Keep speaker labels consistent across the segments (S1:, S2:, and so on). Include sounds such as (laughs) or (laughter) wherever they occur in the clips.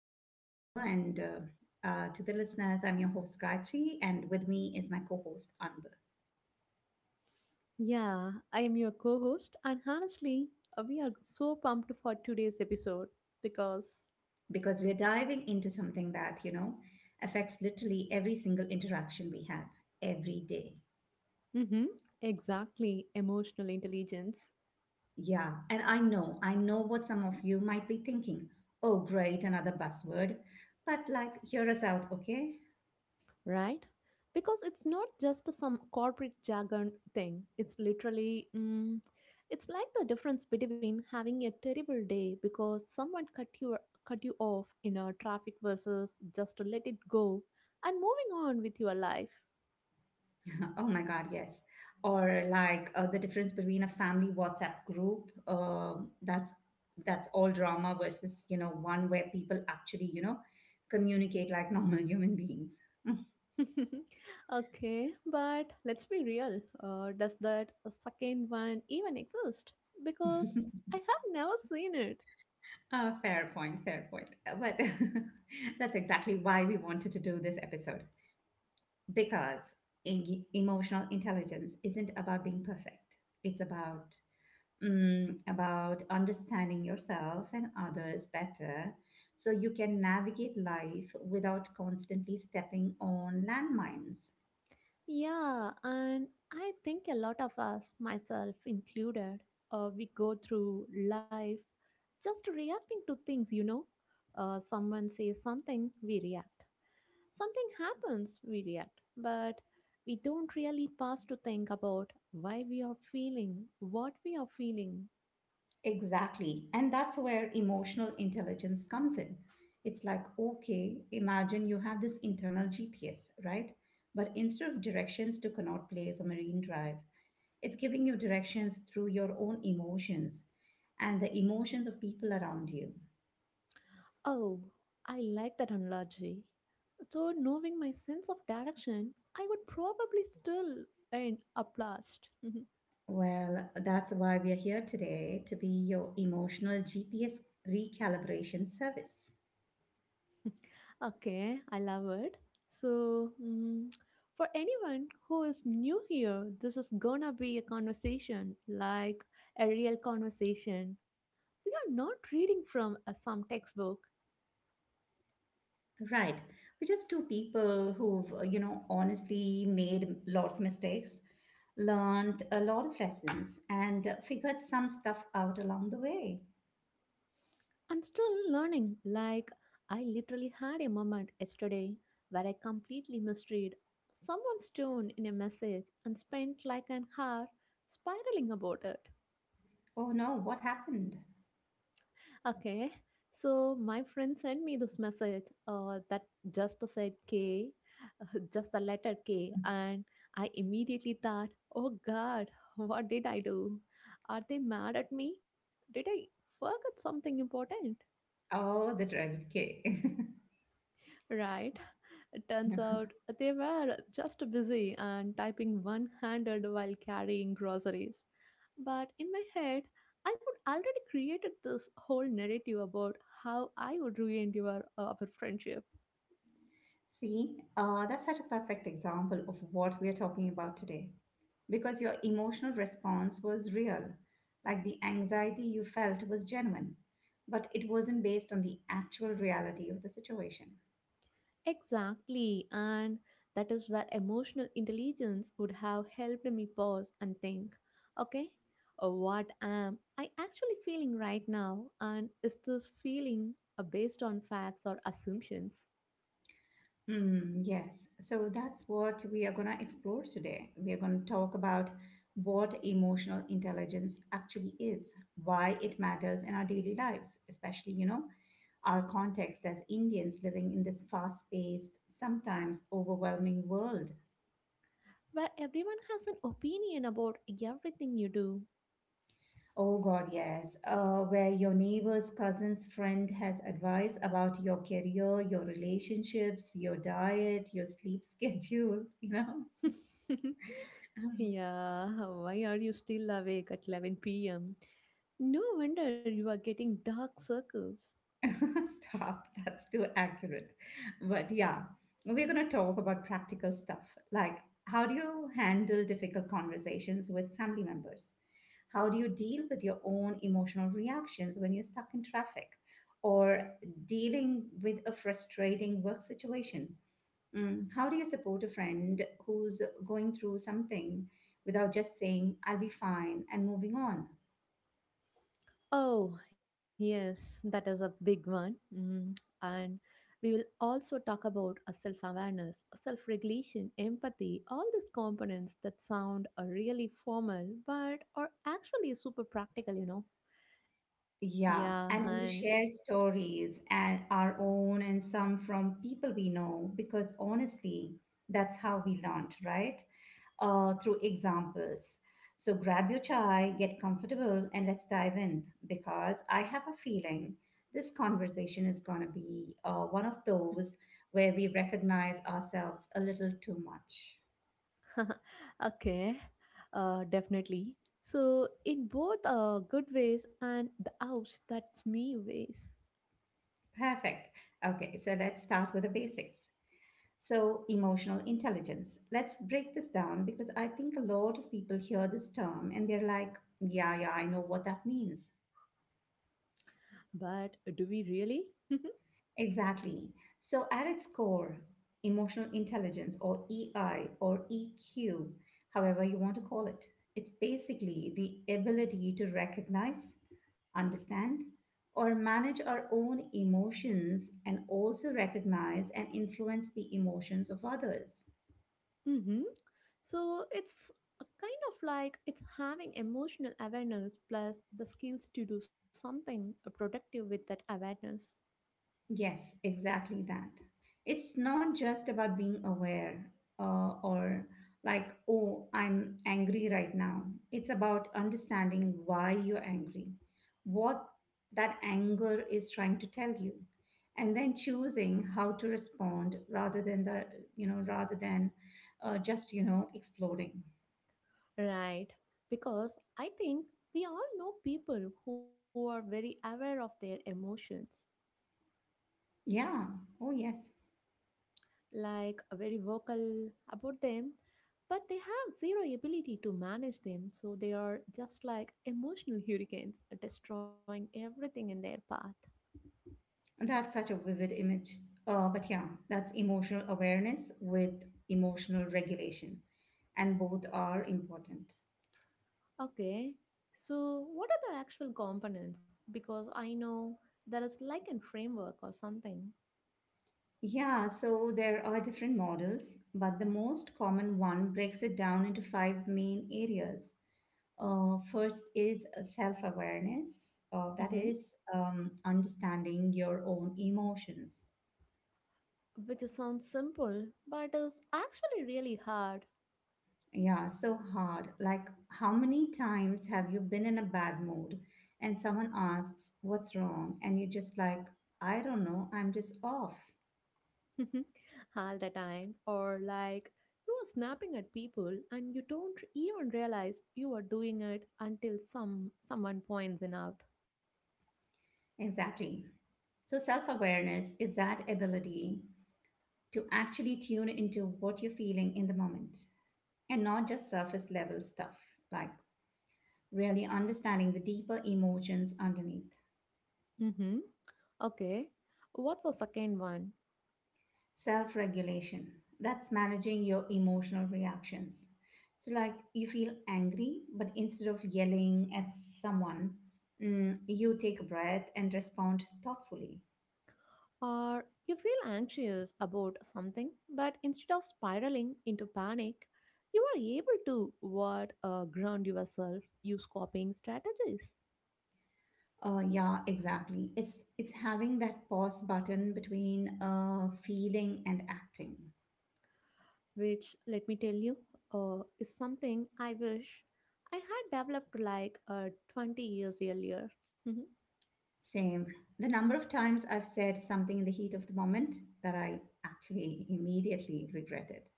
S1: today, Anbu, and to the listeners, I'm your host Gayatri, and with me is my co-host Anbu.
S2: Yeah, I am your co host, and honestly, we are so pumped for today's episode because,
S1: Because we're diving into something that affects literally every single interaction we have every day.
S2: mm-hmm, exactly, emotional intelligence,
S1: Yeah, and I know what some of you might be thinking. Oh, great, another buzzword. But like, hear us out, okay?
S2: right? Because it's not just some corporate jargon thing, it's literally, it's like the difference between having a terrible day because cut you off in a traffic versus just to let it go and moving on with your life.
S1: Oh my God, yes. Or like the difference between a family WhatsApp group, that's all drama versus, one where people actually, communicate like (laughs) normal human beings. (laughs)
S2: (laughs) Okay, but let's be real. Does that second one even exist? Because I have never seen it.
S1: Fair point, fair point. But (laughs) that's exactly why we wanted to do this episode. Because emotional intelligence isn't about being perfect. It's about about understanding yourself and others better so you can navigate life without constantly stepping on landmines.
S2: Yeah, and I think a lot of us, myself included, we go through life just reacting to things. Someone says something, we react. Something happens, we react. But we don't really pause to think about why we are feeling what we are feeling.
S1: Exactly. And that's where emotional intelligence comes in. It's like, okay, imagine you have this internal GPS, right? But instead of directions to Connaught Place or Marine Drive, it's giving you directions through your own emotions and the emotions of people around you.
S2: Oh, I like that analogy. Though knowing my sense of direction, I would probably still end up last.
S1: Well, that's why we are here today to be your emotional GPS recalibration service.
S2: (laughs) Okay, I love it. So, for anyone who is new here, this is gonna be a conversation, like a real conversation. We are not reading from some textbook.
S1: Right. We're just two people who've, honestly made a lot of mistakes, learned a lot of lessons, and figured some stuff out along the way.
S2: I'm still learning. Like, I literally had a moment yesterday where I completely misread someone's tone in a message and spent like an hour spiraling about it.
S1: Oh no, what happened?
S2: Okay, so my friend sent me this message that just said K, (laughs) just the letter K, and I immediately thought, oh god, (laughs) what did I do? Are they mad at me? Did I forget something important?
S1: Oh, the dreaded K. (laughs)
S2: Right? It turns out they were just busy and typing one handed while carrying groceries. But in my head, I would already created this whole narrative about how I would ruin your our friendship.
S1: See, that's such a perfect example of what we are talking about today. Because your emotional response was real, like the anxiety you felt was genuine, but it wasn't based on the actual reality of the situation.
S2: Exactly, and that is where emotional intelligence would have helped me pause and think. Okay, what am I actually feeling right now, and is this feeling based on facts or assumptions?
S1: Hmm, yes. So that's what we are going to explore today. We are going to talk about what emotional intelligence actually is, why it matters in our daily lives, especially, our context as Indians living in this fast-paced, sometimes overwhelming world.
S2: Where everyone has an opinion about everything you do.
S1: Oh God, yes. Where your neighbor's cousin's friend has advice about your career, your relationships, your diet, your sleep (laughs) schedule, you know.
S2: (laughs)
S1: (laughs)
S2: Yeah, why are you still awake at 11 p.m.? No wonder you are getting dark circles.
S1: (laughs) Stop, that's too accurate. But yeah, we're going to talk about practical stuff like how do you handle difficult conversations with family members? How do you deal with your own emotional reactions when you're stuck in traffic or dealing with a frustrating work situation? How do you support a friend who's going through something without just saying, I'll be fine and moving on?
S2: Oh, yes, that is a big one. Mm. And we will also talk about self awareness, self regulation, empathy, all these components that sound really formal but are actually super practical. Yeah,
S1: Yeah,
S2: and
S1: and we share stories and our own and some from people we know because honestly, that's how we learned, right? Through examples. So grab your chai, get comfortable, and let's dive in because I have a feeling this conversation is going to be one of those where we recognize ourselves a little too much.
S2: (laughs) okay, definitely. So, in both good ways and the ouch, that's me ways.
S1: Perfect. Okay, so let's start with the basics. So, emotional intelligence. Let's break this down because I think a lot of people hear this term and they're like, yeah, yeah, I know what that means.
S2: But do we really? (laughs)
S1: Exactly. So, at its core, emotional intelligence or EI or EQ, however you want to call it, it's basically the ability to recognize, understand, or manage our own emotions and also recognize and influence the emotions of others.
S2: Mm-hmm. So it's a kind of like it's having emotional awareness plus the skills to do something productive with that awareness.
S1: Yes, exactly that. It's not just about being aware or like, oh, I'm angry right now. It's about understanding why you're angry, what that anger is trying to tell you, and then choosing how to respond rather than just, exploding.
S2: Right, because I think we all know people who are very aware of their emotions,
S1: Yeah. Oh, yes.
S2: like very vocal about them, but they have zero ability to manage them, so they are just like emotional (laughs) hurricanes, destroying everything in their path.
S1: That's such a vivid image. But yeah, that's emotional awareness with emotional regulation, and both are important.
S2: Okay, so what are the actual components? Because I know there is like a framework or something.
S1: Yeah, so there are different models, but the most common one breaks it down into five main areas. First is self awareness, that
S2: Hmm,
S1: is, understanding your own emotions.
S2: which sounds simple, but is actually really hard.
S1: Yeah, so hard. Like, how many times have you been in a bad mood and someone asks, What's wrong? And you're just like, I don't know, I'm just off.
S2: (laughs) All the time. Or like you are snapping at people and you don't even realize you are doing it until someone points it out.
S1: Exactly. So, self awareness is that ability to actually tune into what you're feeling in the moment and not just surface level stuff, like really understanding the deeper emotions underneath.
S2: Mm-hmm. Okay, what's the second one?
S1: Self regulation. That's managing your emotional reactions. So, like you feel angry, but instead of yelling at someone, you take a breath and respond thoughtfully.
S2: Or you feel anxious about something but instead of spiraling into panic you are able to what, ground yourself, use coping strategies.
S1: Yeah, exactly. It's having that pause button between feeling and acting.
S2: Which let me tell you, is something I wish I had developed like 20 years earlier. Mhm.
S1: Same. The number of times I've said something in the heat of the moment that I actually immediately regretted.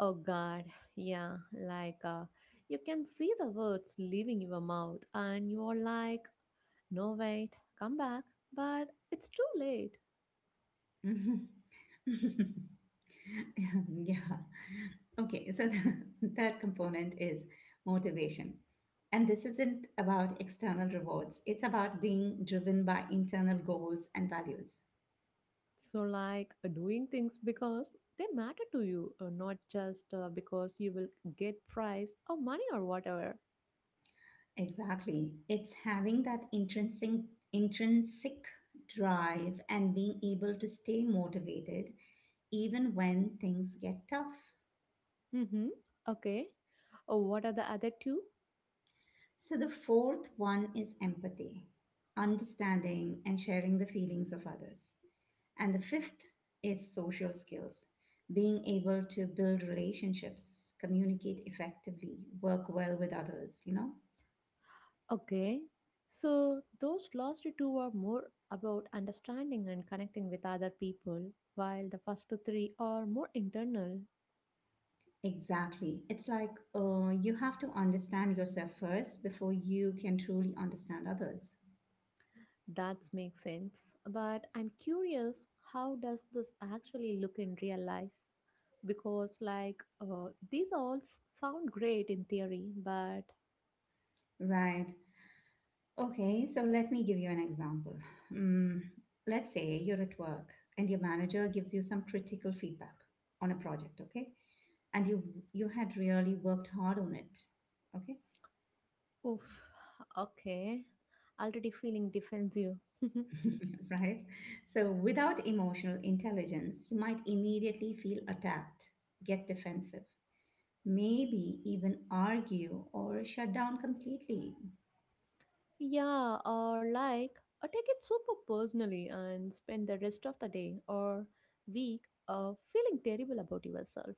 S2: Oh god, yeah, like, you can see the words leaving your mouth and you're like no wait come back, but it's too late.
S1: (laughs) (laughs) yeah. Okay. So the (laughs) third component is motivation. And this isn't about external rewards, it's about being driven by internal goals and values.
S2: So like, doing things because they matter to you, not just because you will get prize or money or whatever.
S1: Exactly. It's having that intrinsic drive and being able to stay motivated even when things get tough.
S2: Mm-hmm. Okay, what are the other two?
S1: So the fourth one is empathy, understanding and sharing the feelings of others. And the fifth is social skills, being able to build relationships, communicate effectively, work well with others, you know?
S2: Okay, so those last two are more about understanding and connecting with other people, while the first three are more internal.
S1: Exactly. It's like you have to understand yourself first before you can truly understand others.
S2: That makes sense. But I'm curious, how does this actually look in real life? Because, like, these all sound great in theory, but
S1: Right. Okay, so let me give you an example. Mm, let's say you're at work and your manager gives you some critical feedback on a project, okay? And you had really worked hard on it, okay?
S2: oof, okay, already feeling defensive. (laughs)
S1: Right? So, without emotional intelligence, you might immediately feel attacked, get defensive, maybe even argue or shut down completely.
S2: Yeah, or like take it super personally and spend the rest of the day or week feeling terrible about yourself.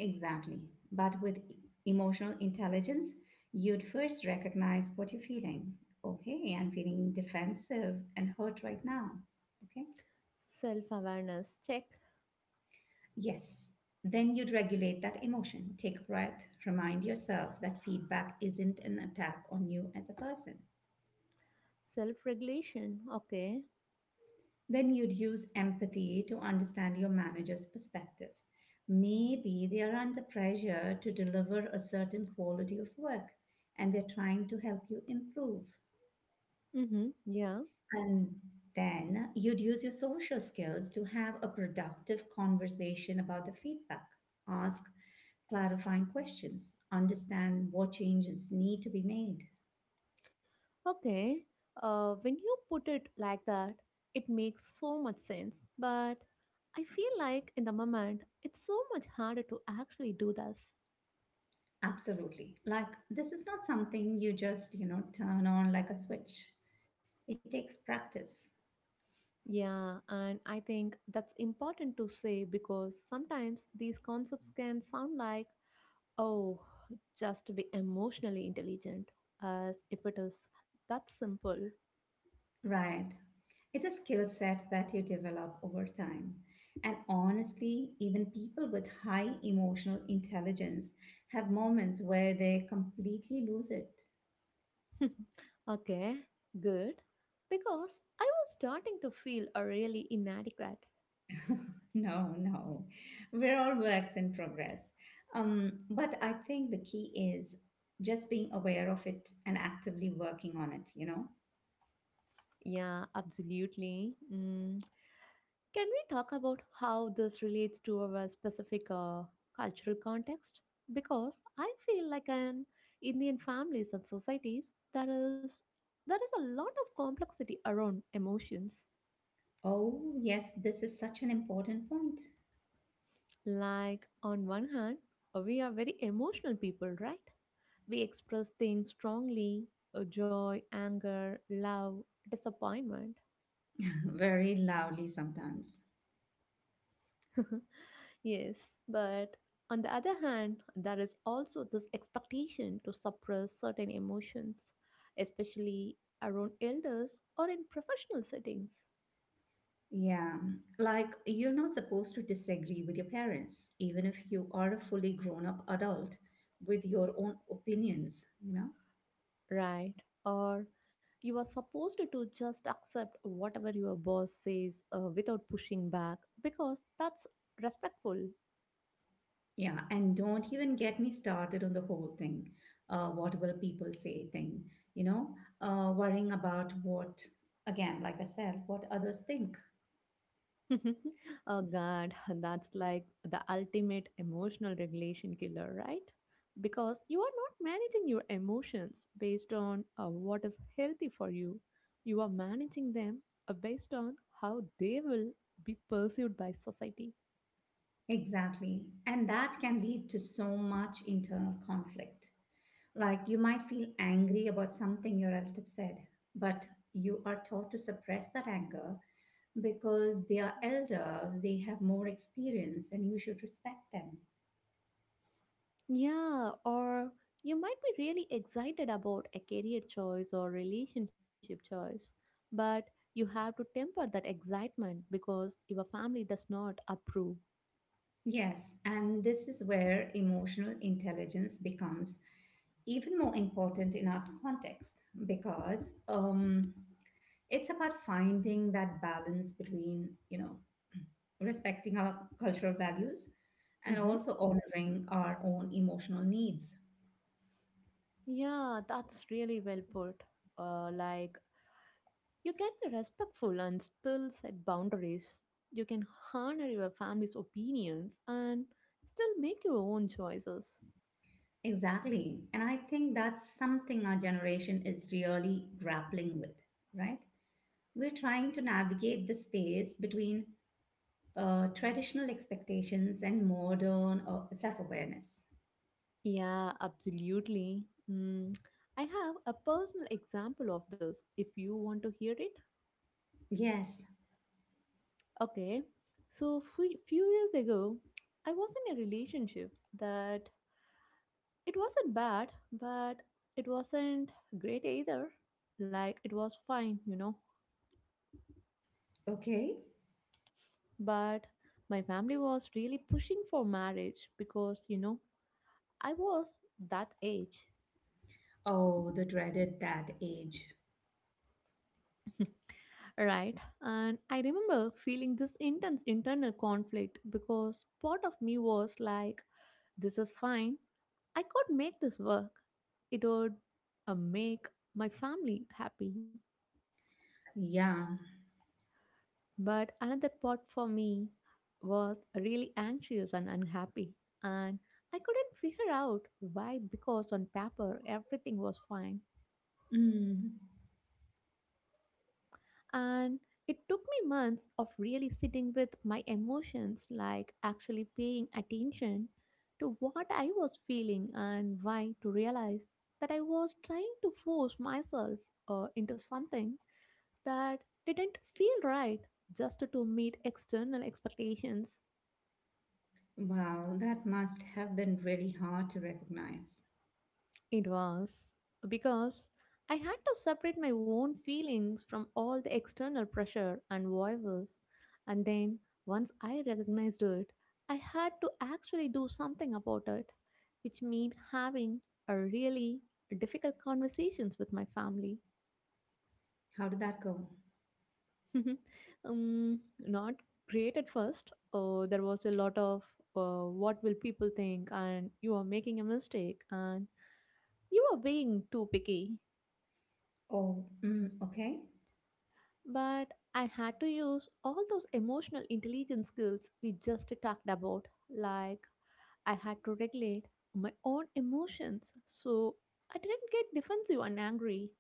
S1: Exactly. But with emotional intelligence, you'd first recognize what you're feeling. Okay, I'm feeling defensive and hurt right now. Okay,
S2: Self awareness, check.
S1: yes. Then you'd regulate that emotion. Take a breath. Remind yourself that feedback isn't an attack on you as a person.
S2: Self regulation, okay.
S1: Then you'd use empathy to understand your manager's perspective. Maybe they are under pressure to deliver a certain quality of work and they're trying to help you improve.
S2: Mm-hmm. Yeah,
S1: And then you'd use your social skills to have a productive conversation about the feedback. Ask clarifying questions, understand what changes need to be made.
S2: okay. When you put it like that, it makes so much sense. But I feel like in the moment, it's so much harder to actually do this.
S1: Absolutely. Like, this is not something you just, turn on like a switch. It takes practice,
S2: Yeah, and I think that's important to say because sometimes these concepts can sound like, oh, just to be emotionally intelligent, as if it is that simple.
S1: right? It's a skill set that you develop over time. And honestly, even people with high emotional intelligence have moments where they completely lose it. (laughs)
S2: (laughs) Okay, good. Because I was starting to feel really inadequate.
S1: No, no. We're all works in progress. But I think the key is just being aware of it and actively working on it, you know?
S2: Yeah, absolutely. Mm. Can we talk about how this relates to our specific cultural context? Because I feel like in Indian families and societies, there is a lot of complexity around emotions.
S1: Oh, yes, this is such an important point.
S2: Like on one hand, we are very emotional people, right? We express things strongly: joy, anger, love, disappointment.
S1: (laughs) Very loudly sometimes.
S2: (laughs) Yes, but on the other hand, there is also this expectation to suppress certain emotions, especially around elders or in professional settings,
S1: Yeah, like you're not supposed to disagree with your parents, even if you are a fully grown up adult with your own opinions, you know?
S2: right? Or you are supposed to just accept whatever your boss says without pushing back because that's respectful.
S1: Yeah, and don't even get me started on the whole thing, what will people say thing, you know, worrying about what, again, like I said, what others think.
S2: (laughs) Oh god, that's like the ultimate emotional regulation killer, right? Because you are not managing your emotions based on what is healthy for you. You are managing them based on how they will be perceived by society.
S1: Exactly. And that can lead to so much internal conflict. Like you might feel angry about something your relative said, but you are taught to suppress that anger because they are elder, they have more experience, and you should respect them.
S2: Yeah, or you might be really excited about a career choice or relationship choice, but you have to temper that excitement because your family does not approve.
S1: Yes, and this is where emotional intelligence becomes even more important in our context because it's about finding that balance between respecting our cultural values and
S2: Mm-hmm.
S1: also honoring our own emotional needs.
S2: Yeah, that's really well put. Like, you can be respectful and still set boundaries. You can honor your family's opinions and still make your own choices.
S1: Exactly, and I think that's something our generation is really grappling with, right? We're trying to navigate the space between traditional expectations and modern self-awareness.
S2: Yeah, absolutely. Mm. I have a personal example of this if you want to hear it.
S1: Yes.
S2: Okay, so few years ago, I was in a relationship that it wasn't bad, but it wasn't great either. Like, it was fine, you know.
S1: Okay.
S2: But my family was really pushing for marriage because, you know, I was that age.
S1: Oh, the dreaded that age.
S2: (laughs) Right. And I remember feeling this intense internal conflict because part of me was like, this is fine. I could make this work. It would make my family happy.
S1: Yeah.
S2: But another part for me was really anxious and unhappy, and I couldn't figure out why because on paper everything was fine.
S1: Mm.
S2: And it took me months of really sitting with my emotions, like actually paying attention to what I was feeling and why to realize that I was trying to force myself into something that didn't feel right just to meet external expectations.
S1: Wow, that must have been really hard to recognize.
S2: It was because I had to separate my own feelings from all the external pressure and voices, and then once I recognized it, I had to actually do something about it, which means having a really difficult conversations with my family.
S1: How did that go?
S2: (laughs) Not great at first. There was a lot of what will people think, and you are making a mistake, and you are being too picky.
S1: Oh, mm, okay.
S2: But I had to use all those emotional intelligence skills we just talked about. Like, I had to regulate my own emotions so I didn't get defensive and angry.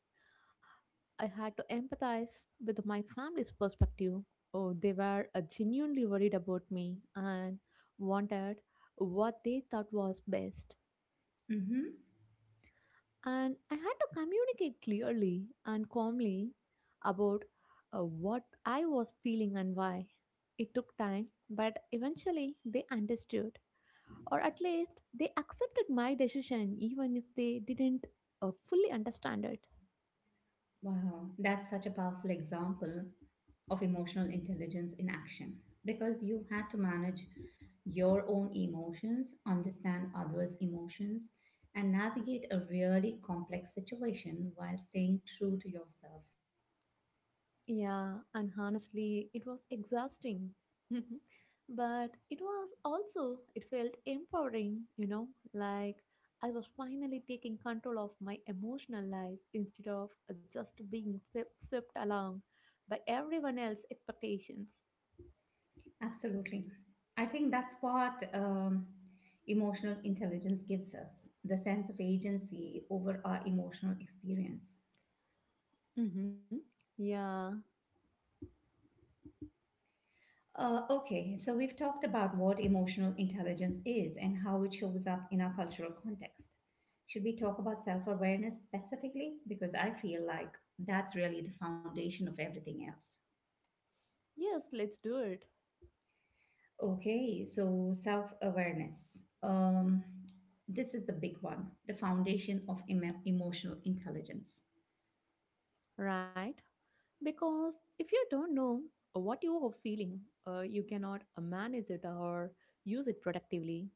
S2: I had to empathize with my family's perspective. Oh, they were genuinely worried about me and wanted what they thought was best.
S1: Mm-hmm.
S2: And I had to communicate clearly and calmly about what I was feeling and why. It took time, but eventually they understood, or at least they accepted my decision, even if they didn't fully understand it.
S1: Wow, that's such a powerful example of emotional intelligence in action because you had to manage your own emotions, understand others' emotions, and navigate a really complex situation while staying true to yourself.
S2: Yeah, and honestly, it was exhausting. (laughs) But it was also, it felt empowering, you know, like I was finally taking control of my emotional life instead of just being swept along by everyone else's expectations.
S1: Absolutely. I think that's what emotional intelligence gives us the sense of agency over our emotional experience.
S2: Mm-hmm. Yeah,
S1: Okay, so we've talked about what emotional intelligence is and how it shows up in our cultural context. Should we talk about self awareness specifically? Because I feel like that's really the foundation of everything else.
S2: yes, let's do it,
S1: Okay, so self awareness. This is the big one, the foundation of emotional intelligence.
S2: right? Because if you don't know what you are feeling, you cannot manage it or use it productively.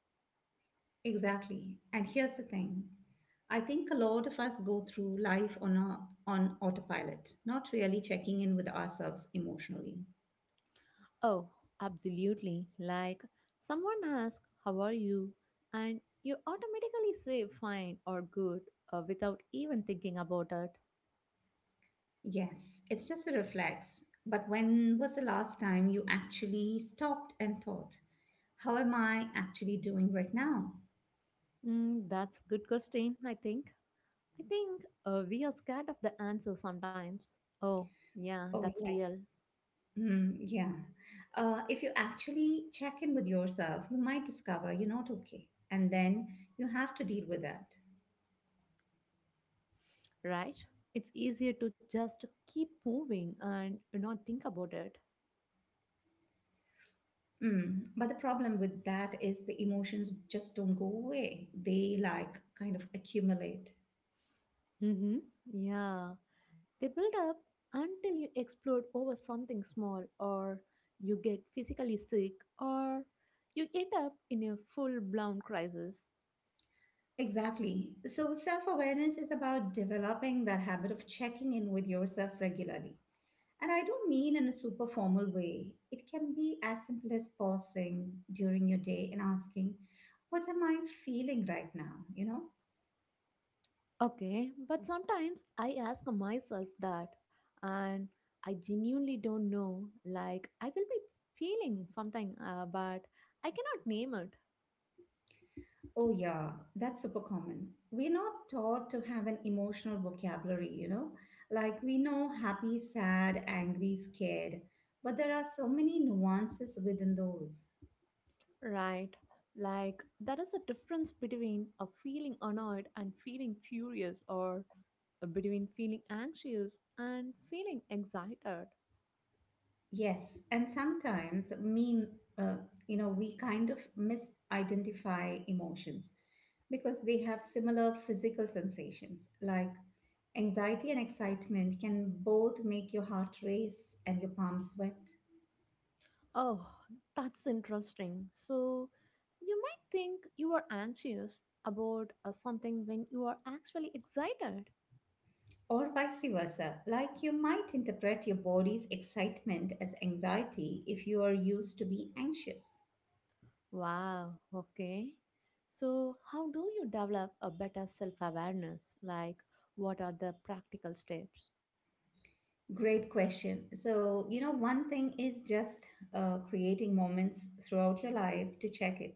S1: Exactly. And here's the thing. I think a lot of us go through life on on autopilot, not really checking in with ourselves emotionally.
S2: Oh, absolutely. Like someone asks, how are you? And you automatically say fine or good without even thinking about it.
S1: Yes, it's just a reflex. But when was the last time you actually stopped and thought, how am I actually doing right now?
S2: Mm, that's good question, I think. I think we are scared of the answer sometimes. Oh, yeah,
S1: Oh,
S2: that's
S1: yeah.
S2: real,
S1: Mm, yeah. If you actually check in with yourself, you might discover you're not okay. And then you have to deal with that.
S2: right? It's easier to just keep moving and not think about it.
S1: Mm. But the problem with that is the emotions just don't go away. They like kind of accumulate.
S2: Mm-hmm. Yeah. They build up until you explode over something small, or you get physically sick, or you end up in a full blown crisis.
S1: Exactly. So self awareness is about developing that habit of checking in with yourself regularly. And I don't mean in a super formal way. It can be as simple as pausing during your day and asking, what am I feeling right now?
S2: Okay, but sometimes I ask myself that, and I genuinely don't know. Like, I will be feeling something, but I cannot name it.
S1: Oh, yeah, that's super common. We're not taught to have an emotional vocabulary, Like we know happy, sad, angry, scared, but there are so many nuances within those.
S2: Right. Like, there is a difference between a feeling annoyed and feeling furious, or between feeling anxious and feeling excited.
S1: Yes, and sometimes uh, we kind of misidentify emotions because they have similar physical sensations. Like anxiety and excitement can both make your heart race and your palms sweat.
S2: Oh, that's interesting. So, you might think you are anxious about something when you are actually excited.
S1: Or vice versa, like you might interpret your body's excitement as anxiety if you are used to be anxious.
S2: Wow, okay. So, how do you develop a better self awareness? Like, what are the practical steps?
S1: Great question. One thing is just creating moments throughout your life to check it.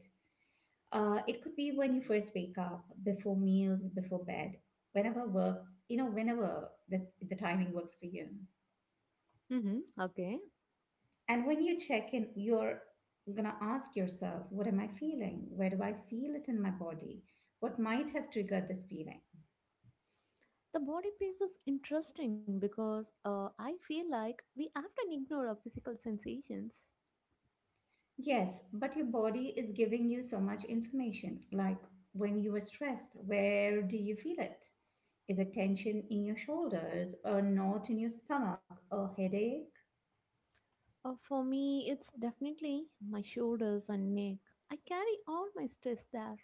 S1: It could be when you first wake up, before meals, before bed, whenever work, whenever the timing works for you.
S2: Mm-hmm, okay.
S1: And when you check in, you're going to ask yourself, what am I feeling? Where do I feel it in my body? What might have triggered this feeling?
S2: The body piece is interesting because I feel like we often ignore our physical sensations.
S1: Yes, but your body is giving you so much information. Like when you were stressed, where do you feel it? Is it tension in your shoulders, a knot in your stomach, a headache?
S2: For me, it's definitely my shoulders and neck. I carry all my stress there.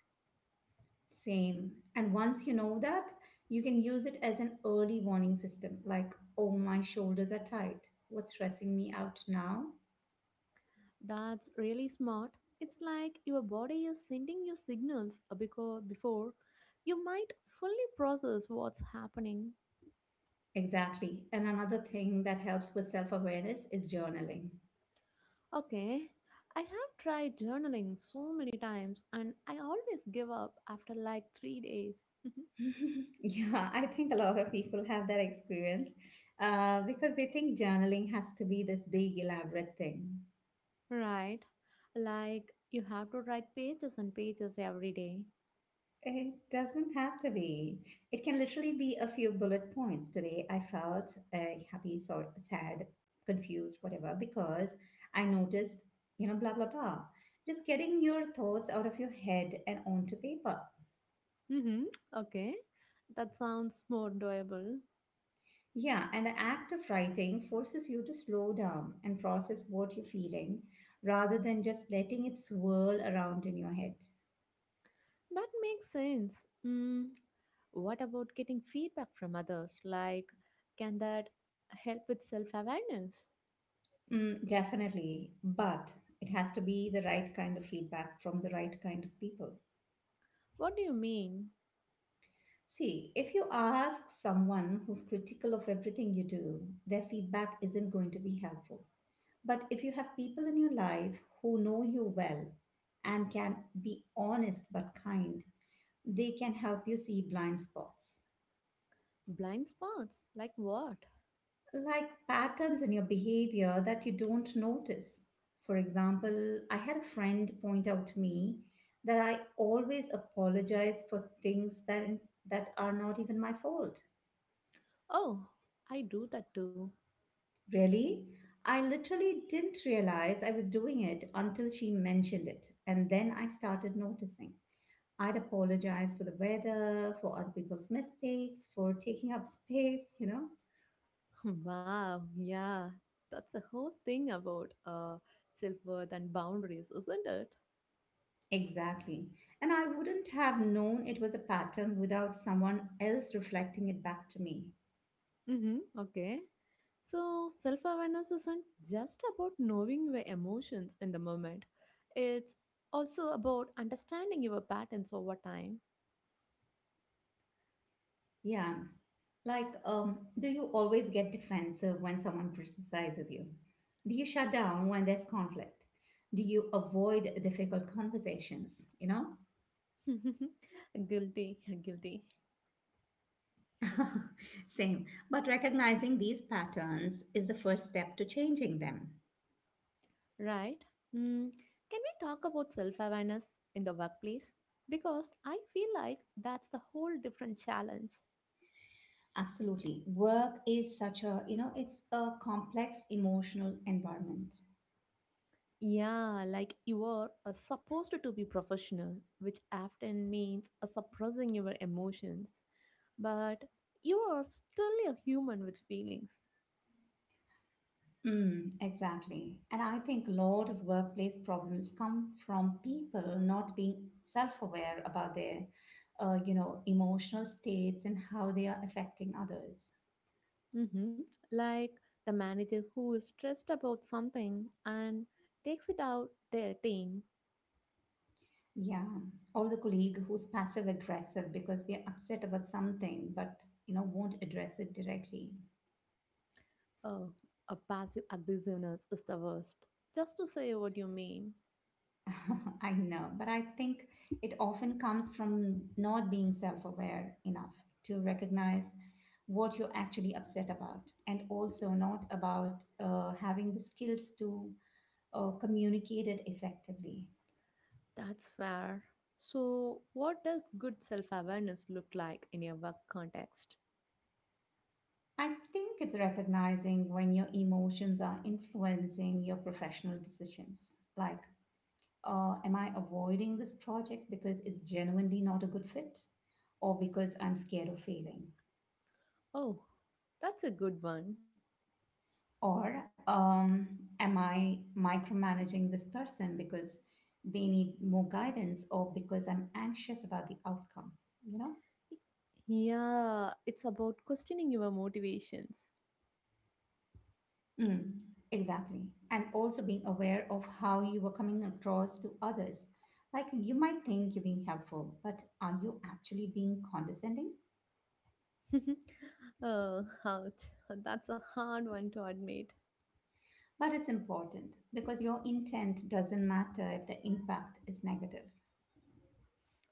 S1: Same. And once you know that, you can use it as an early warning system like, oh, my shoulders are tight. What's stressing me out now?
S2: That's really smart. It's like your body is sending you signals because before you might fully process what's happening.
S1: Exactly. And another thing that helps with self awareness is journaling.
S2: Okay, I have tried journaling so many times and I always give up after like 3 days. (laughs)
S1: (laughs) Yeah, I think a lot of people have that experience because they think journaling has to be this big, elaborate thing.
S2: Right. Like you have to write pages and pages every day.
S1: It doesn't have to be. It can literally be a few bullet points. Today, I felt happy, sor sad, confused, whatever, because I noticed, blah, blah, blah. Just getting your thoughts out of your head and onto paper.
S2: Mm-hmm. Okay. That sounds more doable.
S1: Yeah, and the act of writing forces you to slow down and process what you're feeling rather than just letting it swirl around in your head.
S2: That makes sense. Mm. What about getting feedback from others? Like, can that help with self awareness?
S1: Mm, definitely, but it has to be the right kind of feedback from the right kind of people.
S2: What do you mean?
S1: See, if you ask someone who's critical of everything you do, their feedback isn't going to be helpful. But if you have people in your life who know you well and can be honest but kind, they can help you see blind spots.
S2: Blind spots? Like what?
S1: Like patterns in your behavior that you don't notice. For example, I had a friend point out to me that I always apologize for things that are not even my fault.
S2: Oh, I do that too.
S1: Really? I literally didn't realize I was doing it until she mentioned it, and then I started noticing. I'd apologize for the weather, for other people's mistakes, for taking up space.
S2: (laughs) Wow. Yeah. That's a whole thing about self worth and boundaries, isn't it?
S1: Exactly. And I wouldn't have known it was a pattern without someone else reflecting it back to me.
S2: Mm-hmm. Okay. So, self awareness isn't just about knowing your emotions in the moment, it's also about understanding your patterns over time.
S1: Yeah. Like, do you always get defensive when someone criticizes you? Do you shut down when there's conflict? Do you avoid difficult conversations?
S2: (laughs) Guilty, guilty.
S1: (laughs) Same. But recognizing these patterns is the first step to changing them.
S2: Right? Mm. Can we talk about self awareness in the workplace? Because I feel like that's the whole different challenge.
S1: Absolutely. Work is such a, it's a complex emotional environment.
S2: Yeah, like you are supposed to be professional, which often means suppressing your emotions, but you are still a human with feelings.
S1: Mm, exactly. And I think a lot of workplace problems come from people not being self-aware about their emotional states and how they are affecting others.
S2: hmm Like the manager who is stressed about something and takes it out their team.
S1: Yeah. Or the colleague who's passive aggressive because they're upset about something, but, won't address it directly.
S2: Oh, a passive aggressiveness is the worst. Just to say what you mean.
S1: (laughs) I know, but I think it often comes from not being self aware enough to recognize what you're actually upset about, and also not about having the skills to communicate it effectively.
S2: That's fair. So, what does good self awareness look like in your work context?
S1: I think it's recognizing when your emotions are influencing your professional decisions, like am I avoiding this project because it's genuinely not a good fit, or because I'm scared of failing?
S2: Oh, that's a good one.
S1: Or am I micromanaging this person because they need more guidance, or because I'm anxious about the outcome? You know?
S2: Yeah, it's about questioning your motivations.
S1: Mm, exactly. And also being aware of how you are coming across to others. Like you might think you're being helpful, but are you actually being condescending?
S2: (laughs) Oh, ouch. That's a hard one to admit,
S1: But it's important because your intent doesn't matter if the impact is negative.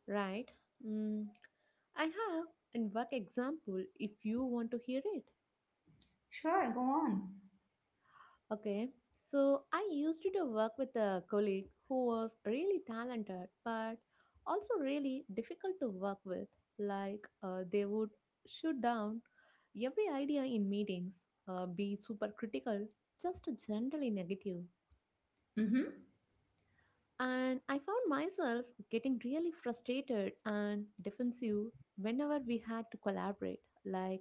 S2: right? Mm, I have an work example if you want to hear it.
S1: Sure, go on.
S2: Okay, so I used to work with a colleague who was really talented but also really difficult to work with. Like, they would shoot down every idea in meetings, be super critical, just generally negative.
S1: Mm-hmm.
S2: And I found myself getting really frustrated and defensive whenever we had to collaborate. Like,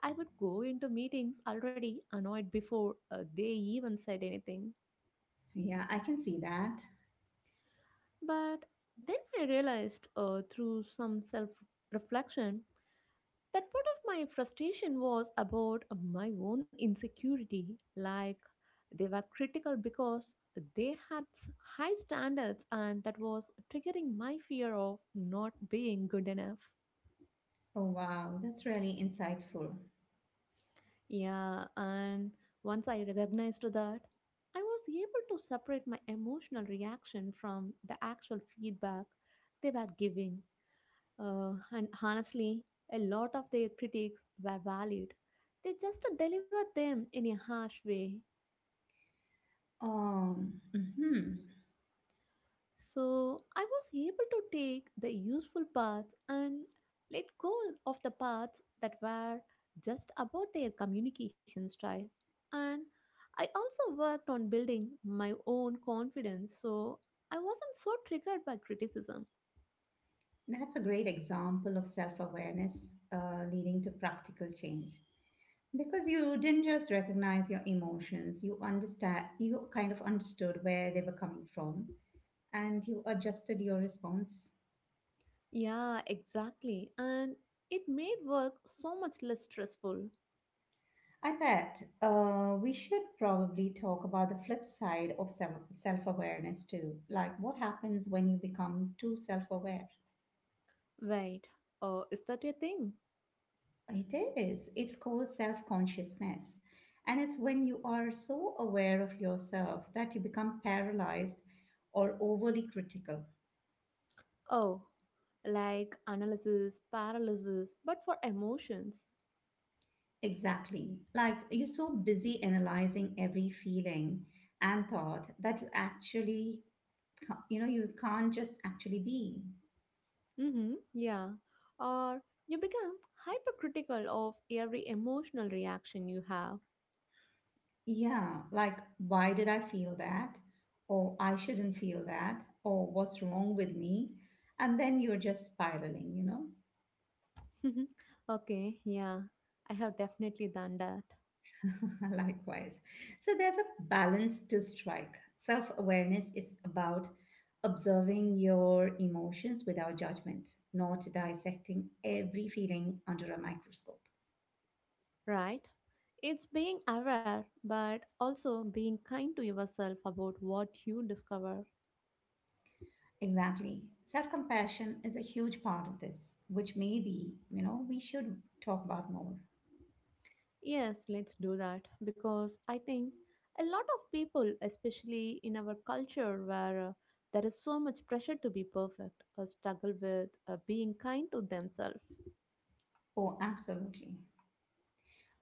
S2: I would go into meetings already annoyed before they even said anything.
S1: Yeah, I can see that.
S2: But then I realized through some self reflection that part of my frustration was about my own insecurity. Like they were critical because they had high standards, and that was triggering my fear of not being good enough.
S1: Oh, wow, that's really insightful.
S2: Yeah, and once I recognized that, I was able to separate my emotional reaction from the actual feedback they were giving. And honestly, a lot of their critiques were valid. They just delivered them in a harsh way.
S1: Mm-hmm.
S2: So I was able to take the useful parts and let go of the parts that were just about their communication style. And I also worked on building my own confidence so I wasn't so triggered by criticism.
S1: That's a great example of self awareness leading to practical change. Because you didn't just recognize your emotions, you kind of understood where they were coming from, and you adjusted your response.
S2: Yeah, exactly. And it made work so much less stressful.
S1: I bet we should probably talk about the flip side of self awareness too. Like what happens when you become too self aware?
S2: Wait, oh, is that a thing?
S1: It is. It's called self consciousness. And it's when you are so aware of yourself that you become paralyzed or overly critical.
S2: Oh, like analysis, paralysis, but for emotions.
S1: Exactly. Like you're so busy analyzing every feeling and thought that you actually, ca- you know, you can't just actually be.
S2: Mm-hmm, yeah. Or you become hypercritical of every emotional reaction you have.
S1: Yeah, like, why did I feel that? Or I shouldn't feel that? Or what's wrong with me? And then you're just spiraling,
S2: (laughs) Okay, yeah, I have definitely done that.
S1: (laughs) Likewise. So there's a balance to strike. Self awareness is about observing your emotions without judgment, not dissecting every feeling under a microscope.
S2: Right? It's being aware, but also being kind to yourself about what you discover.
S1: Exactly. Self compassion is a huge part of this, which maybe, we should talk about more.
S2: Yes, let's do that because I think a lot of people, especially in our culture where there is so much pressure to be perfect, struggle with being kind to themselves.
S1: Oh, absolutely.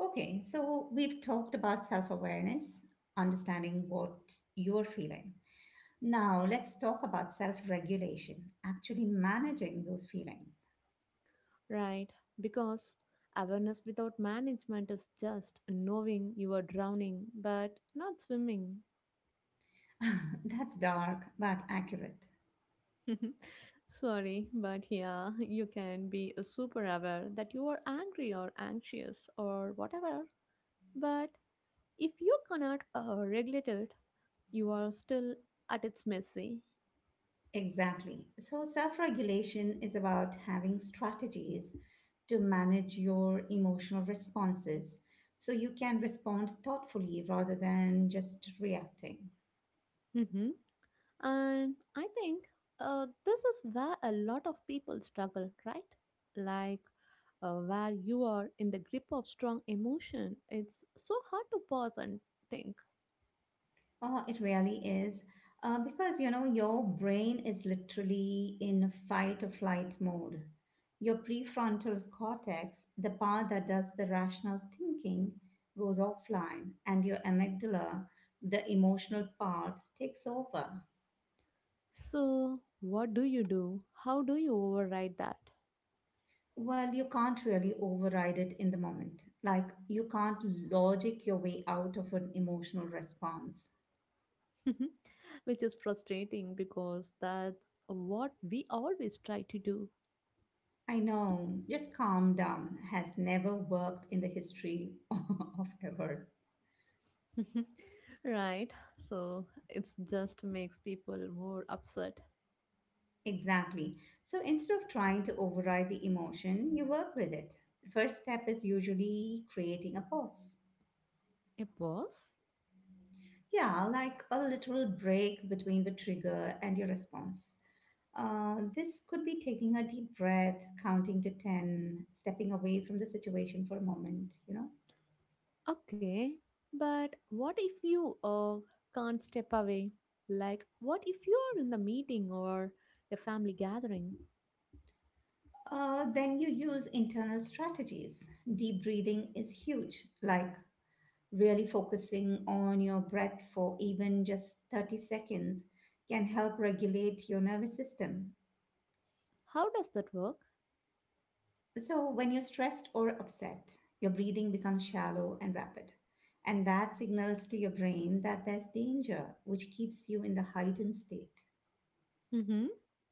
S1: Okay, so we've talked about self awareness, understanding what you're feeling. Now let's talk about self regulation, actually managing those feelings.
S2: Right, because awareness without management is just knowing you are drowning but not swimming.
S1: (laughs) That's dark, but accurate.
S2: (laughs) Sorry, but yeah, you can be super aware that you are angry or anxious or whatever, but if you cannot regulate it, you are still at its mercy.
S1: Exactly. So, self regulation is about having strategies to manage your emotional responses so you can respond thoughtfully rather than just reacting.
S2: hmm And I think this is where a lot of people struggle, right? Like where you are in the grip of strong emotion, it's so hard to pause and think.
S1: Oh, it really is. Because, your brain is literally in fight or flight mode. Your prefrontal cortex, the part that does the rational thinking, goes offline, and your amygdala, the emotional part, takes over.
S2: So, what do you do? How do you override that?
S1: Well, you can't really override it in the moment. Like, you can't logic your way out of an emotional response.
S2: Mhm. Which is frustrating because that's what we always try to do.
S1: I know, just calm down has never worked in the history (laughs) of ever.
S2: (laughs) Right? So it just makes people more upset.
S1: Exactly. So instead of trying to override the emotion, you work with it. The first step is usually creating a pause.
S2: A pause?
S1: Yeah, like a literal break between the trigger and your response. This could be taking a deep breath, counting to 10, stepping away from the situation for a moment,
S2: Okay. But what if you can't step away? Like, what if you're in the meeting or a family gathering?
S1: Then you use internal strategies. Deep breathing is huge, like really focusing on your breath for even just 30 seconds can help regulate your nervous system.
S2: How does that work?
S1: So, when you're stressed or upset, your breathing becomes shallow and rapid. And that signals to your brain that there's danger, which keeps you in the heightened state.
S2: Mm-hmm.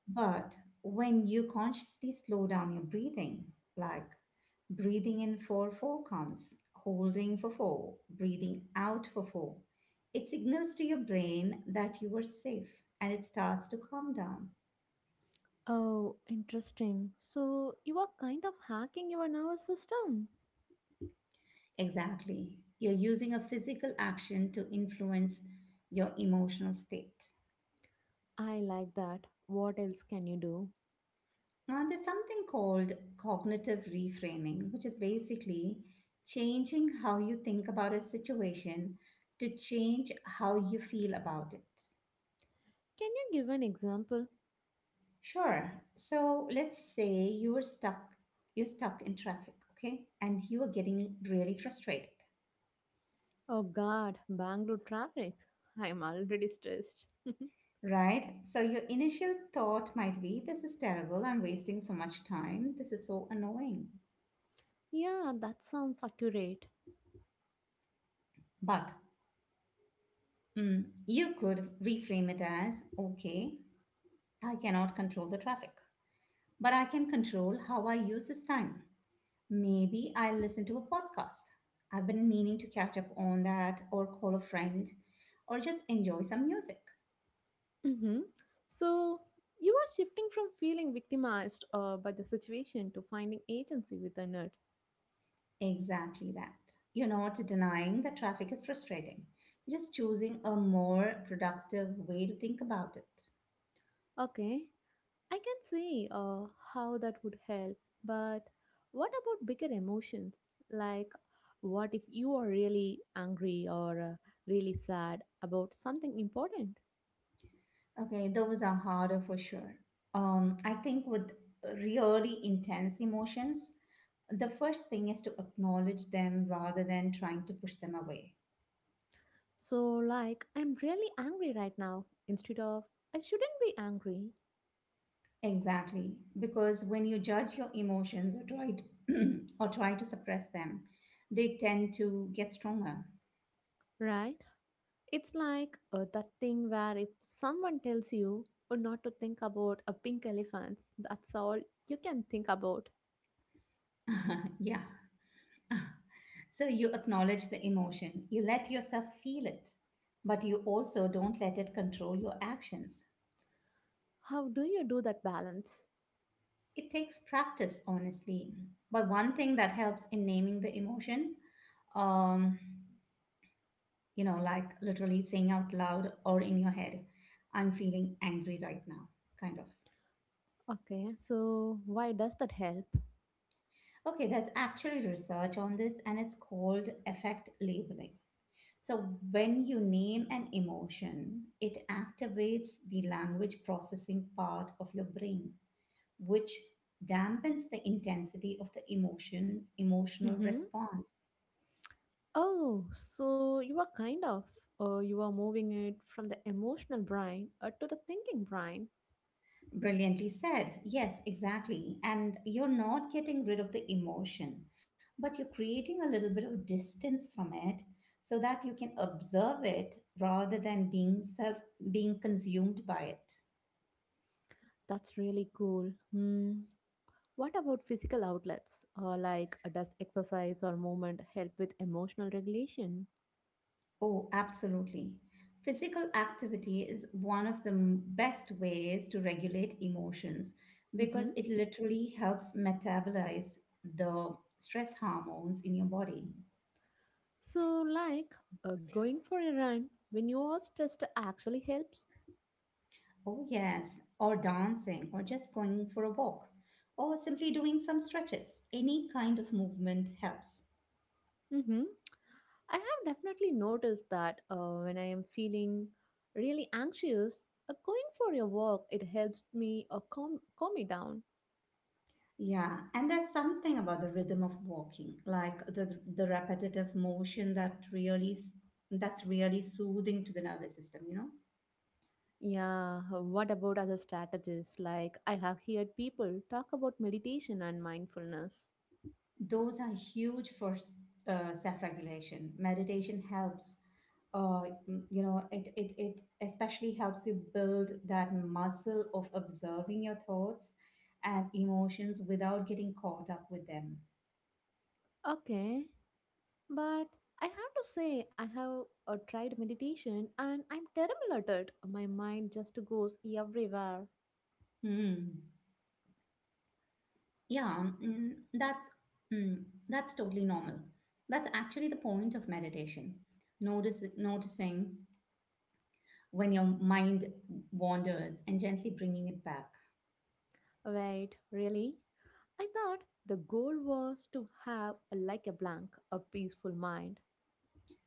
S1: But when you consciously slow down your breathing, like breathing in for 4 counts, holding for 4, breathing out for 4, it signals to your brain that you are safe and it starts to calm down.
S2: Oh, interesting. So you are kind of hacking your nervous system.
S1: Exactly. You're using a physical action to influence your emotional state.
S2: I like that. What else can you do?
S1: Now, there's something called cognitive reframing, which is basically changing how you think about a situation to change how you feel about it.
S2: Can you give an example?
S1: Sure. So let's say you're stuck in traffic, okay? And you are getting really frustrated,
S2: Oh god, Bangalore traffic. I'm already stressed. (laughs)
S1: right? So your initial thought might be, this is terrible, I'm wasting so much time, this is so annoying.
S2: Yeah, that sounds accurate.
S1: But you could reframe it as, okay, I cannot control the traffic, but I can control how I use this time. Maybe I'll listen to a podcast I've been meaning to catch up on, that, or call a friend, or just enjoy some music.
S2: hmm So, you are shifting from feeling victimized by the situation to finding agency within it.
S1: Exactly that. You're not denying that traffic is frustrating, you're just choosing a more productive way to think about it.
S2: Okay, I can see how that would help, but what about bigger emotions? Like, what if you are really angry or really sad about something important?
S1: Okay, those are harder for sure. I think with really intense emotions, the first thing is to acknowledge them rather than trying to push them away.
S2: So, like, I'm really angry right now instead of I shouldn't be angry.
S1: Exactly, because when you judge your emotions or try to, (clears throat) or try to suppress them, they tend to get stronger.
S2: Right? It's like that thing where if someone tells you or not to think about a pink elephant, that's all you can think about.
S1: (laughs) Yeah. So you acknowledge the emotion, you let yourself feel it, but you also don't let it control your actions.
S2: How do you do that balance?
S1: It takes practice, honestly. But one thing that helps in naming the emotion, um, like literally saying out loud or in your head, I'm feeling angry right now, kind of.
S2: Okay, so why does that help?
S1: Okay, there's actually research on this, and it's called effect labeling. So, when you name an emotion, it activates the language processing part of your brain, which dampens the intensity of the emotional
S2: Mm-hmm.
S1: response.
S2: Oh, so you are kind of, you are moving it from the emotional brain to the thinking brain.
S1: Brilliantly said. Yes, exactly. And you're not getting rid of the emotion, but you're creating a little bit of distance from it so that you can observe it rather than being consumed by it.
S2: That's really cool. Hmm. What about physical outlets? Like, does exercise or movement help with emotional regulation?
S1: Oh, absolutely. Physical activity is one of the best ways to regulate emotions
S2: Mm-hmm.
S1: because it literally helps metabolize the stress hormones in your body.
S2: So, like going for a run when you are stressed actually helps.
S1: Oh, yes, or dancing, or just going for a walk, or simply doing some stretches. Any kind of movement helps.
S2: Mm-hmm. I have definitely noticed that when I am feeling really anxious, going for a walk it helps me calm me down.
S1: Yeah, and there's something about the rhythm of walking, like the repetitive motion that really that's really soothing to the nervous system, you know?
S2: Yeah. What about other strategies? Like I have heard people talk about meditation and mindfulness.
S1: Those are huge for self-regulation. Meditation helps uh, you know it especially helps you build that muscle of observing your thoughts and emotions without getting caught up with them.
S2: Okay, but I have to say I have tried meditation and I'm terrible at it. My mind just goes everywhere.
S1: Hmm. yeah um, mm, that's mm, that's totally normal. That's actually the point of meditation. Notice Noticing when your mind wanders and gently bringing it back.
S2: Wait, really? I thought the goal was to have a, like a blank, a peaceful mind.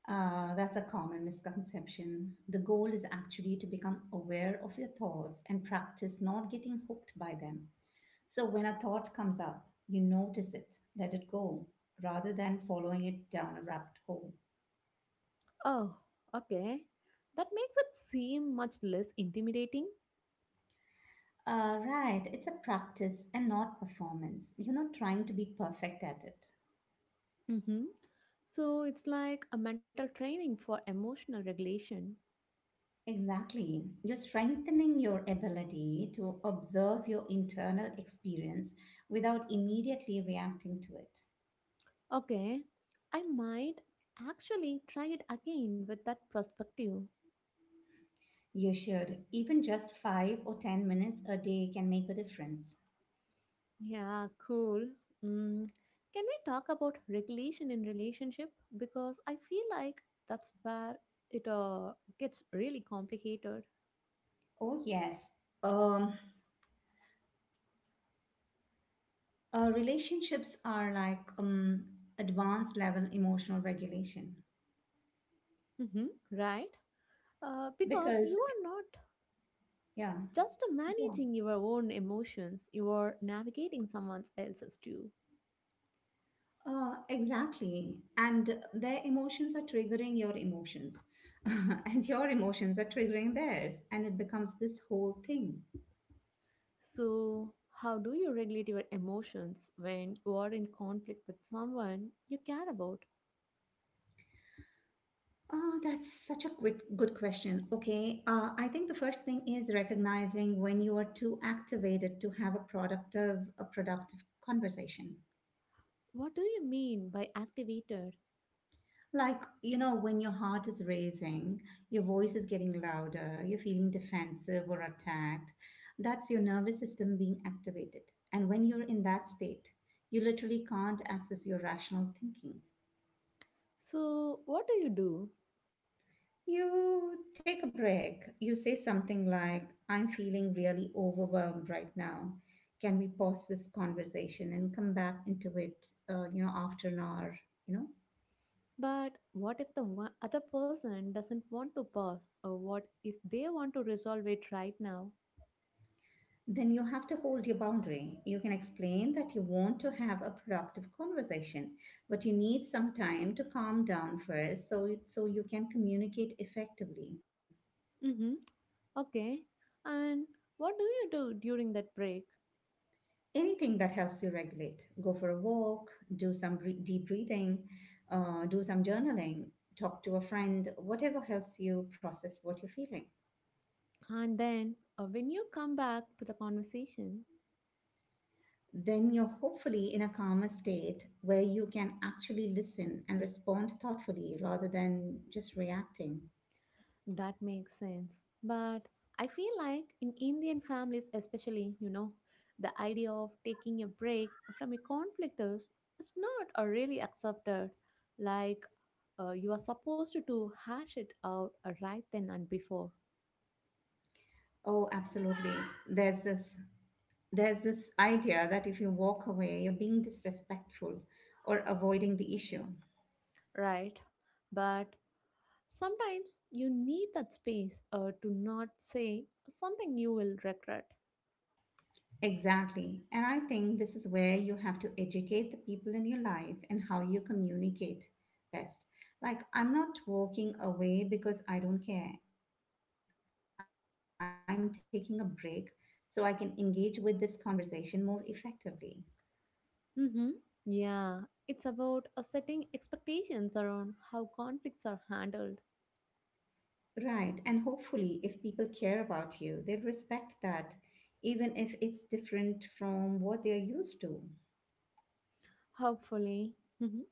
S1: That's a common misconception. The goal is actually to become aware of your thoughts and practice not getting hooked by them. So when a thought comes up, you notice it, let it go, rather than following it down a rabbit hole.
S2: Oh, okay. That makes it seem much less intimidating.
S1: Right, it's a practice and not performance. You're not trying to be perfect at it.
S2: Mm-hmm. So it's like a mental training for emotional regulation.
S1: Exactly. You're strengthening your ability to observe your internal experience without immediately reacting to it.
S2: Okay, I might actually try it again with that perspective.
S1: You should. Even just 5 or 10 minutes a day can make a difference.
S2: Yeah, cool. Mm. Can we talk about regulation in relationship? Because I feel like that's where it gets really complicated.
S1: Oh, yes. Um, Relationships are like advanced level emotional regulation.
S2: Mm-hmm. Right? Because
S1: Because,
S2: you are not
S1: yeah.
S2: just
S1: Yeah.
S2: managing your own emotions, you are navigating someone else's too.
S1: Exactly. And their emotions are triggering your emotions. (laughs) And your emotions are triggering theirs. And it becomes this whole thing.
S2: So, how do you regulate your emotions when you are in conflict with someone you care about?
S1: Oh, that's such a quick, good question. Okay, I think the first thing is recognizing when you are too activated to have a productive conversation.
S2: What do you mean by activated?
S1: Like, you know, when your heart is racing, your voice is getting louder, you're feeling defensive or attacked, that's your nervous system being activated. And when you're in that state, you literally can't access your rational thinking.
S2: So, what do you do?
S1: You take a break. You say something like, I'm feeling really overwhelmed right now. Can we pause this conversation and come back into it, you know, after an hour, you know?
S2: But what if the other person doesn't want to pause? Or what if they want to resolve it right now?
S1: Then you have to hold your boundary. You can explain that you want to have a productive conversation, but you need some time to calm down first so you can communicate effectively.
S2: Mm-hmm. Okay. And what do you do during that break?
S1: Anything that helps you regulate. Go for a walk, do some deep breathing, do some journaling, talk to a friend, whatever helps you process what you're feeling.
S2: And then, when you come back to the conversation,
S1: Then you're hopefully in a calmer state where you can actually listen and respond thoughtfully rather than just reacting.
S2: that makes sense. But I feel like in Indian families, especially, the idea of taking a break from a conflict is not really accepted. Like, you are supposed to hash it out right then and before,
S1: Oh, absolutely. There's this there's this idea that if you walk away, you're being disrespectful or avoiding the issue.
S2: right? But sometimes you need that space to not say something you will regret.
S1: Exactly. And I think this is where you have to educate the people in your life and how you communicate best. Like, I'm not walking away because I don't care. I'm taking a break so I can engage with this conversation more effectively.
S2: Mm-hmm. Yeah, it's about setting expectations around how conflicts are handled.
S1: Right. And hopefully, if people care about you, they respect that, even if it's different from what they're used to.
S2: Hopefully. Mhm.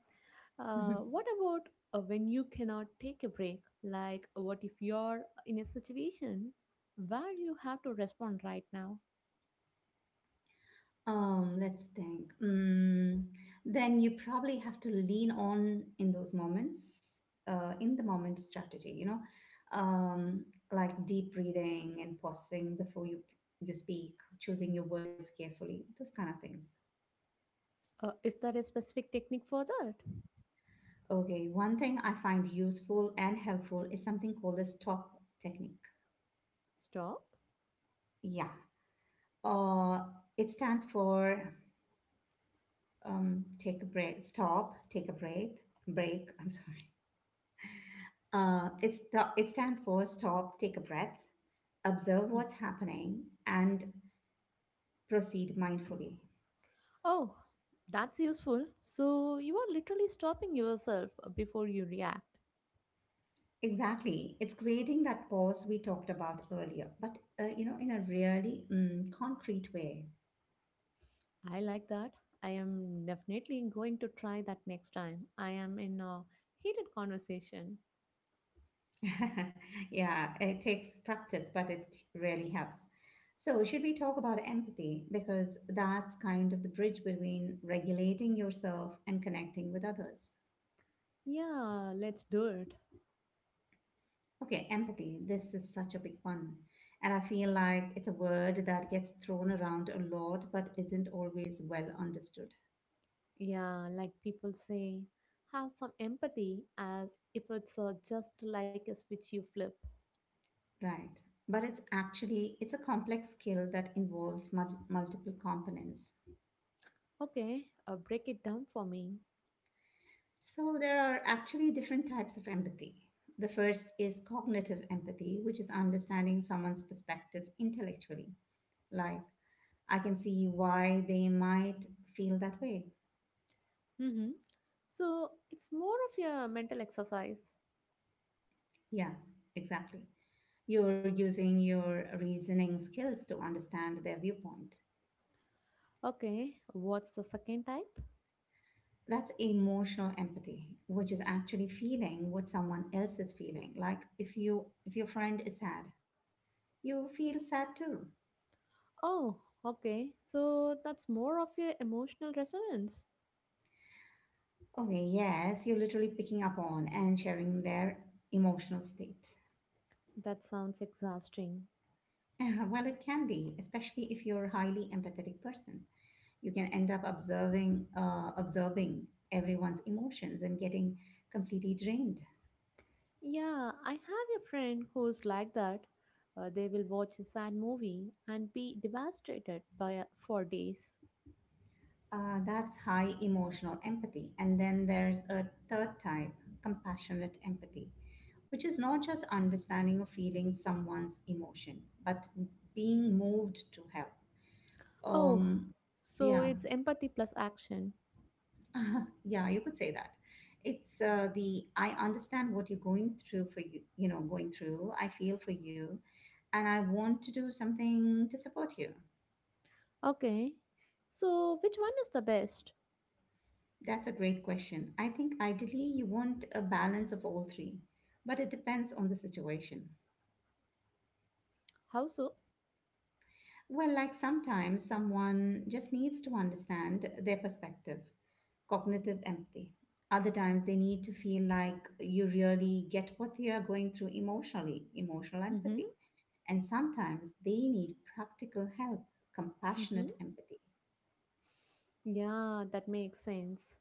S1: (laughs)
S2: What about when you cannot take a break? Like, what if you're in a situation where you have to respond right now?
S1: Let's think. Then you probably have to lean on in those moments, in the moment strategy, you know, um, like deep breathing and pausing before you speak, choosing your words carefully, those kind of things.
S2: Is there a specific technique for that?
S1: Okay, one thing I find useful and helpful is something called the stop technique.
S2: Stop.
S1: Yeah. Uh, it stands for take a break, stop, take a break, break. I'm (laughs) sorry. It, sto- it stands for stop, take a breath, observe
S2: Hmm.
S1: what's happening, and proceed mindfully.
S2: Oh, that's useful. So, you are literally stopping yourself before you react.
S1: Exactly. It's creating that pause we talked about earlier, but you know, in a really concrete way.
S2: I like that. I am definitely going to try that next time. I am in a heated conversation.
S1: (laughs) Yeah, it takes practice, but it really helps. So, should we talk about empathy? Because that's kind of the bridge between regulating yourself and connecting with others.
S2: Yeah, let's do it.
S1: Okay, empathy. This is such a big one. And I feel like it's a word that gets thrown around a lot but isn't always well understood.
S2: Yeah, like people say, have some empathy as if it's just like a switch you flip.
S1: Right. But it's a complex skill that involves multiple components.
S2: Okay, break it down for me.
S1: So there are actually different types of empathy. The first is cognitive empathy, which is understanding someone's perspective intellectually. Like I can see why they might feel that way.
S2: Mm-hmm. So it's more of a mental exercise.
S1: Yeah, exactly. You're using your reasoning skills to understand their viewpoint.
S2: Okay, what's the second type?
S1: That's emotional empathy, which is actually feeling what someone else is feeling. Like if your friend is sad, you feel sad too.
S2: Oh, okay, so that's more of your emotional resonance.
S1: Okay, yes, you're literally picking up on and sharing their emotional state. (laughs)
S2: That sounds exhausting.
S1: Well, it can be, especially if you're a highly empathetic person. You can end up observing everyone's emotions and getting completely drained.
S2: Yeah, I have a friend who's like that. They will watch a sad movie and be devastated by for days.
S1: That's high emotional empathy. And then there's a third type, compassionate empathy, which is not just understanding or feeling someone's emotion, but being moved to help.
S2: Oh,
S1: Um,
S2: so
S1: yeah,
S2: it's empathy plus action.
S1: (laughs) yeah, you could say that. It's the I understand what you're going through for you, you know, going through. I feel for you, and I want to do something to support you.
S2: Okay. So which one is the best?
S1: That's a great question. I think ideally you want a balance of all three, but it depends on the situation.
S2: How so?
S1: Well, like sometimes someone just needs to understand their perspective, cognitive empathy. Other times they need to feel like you really get what they are going through emotionally, emotional
S2: Mm-hmm.
S1: empathy. And sometimes they need practical help,
S2: Mm-hmm.
S1: compassionate empathy.
S2: Yeah, that makes sense.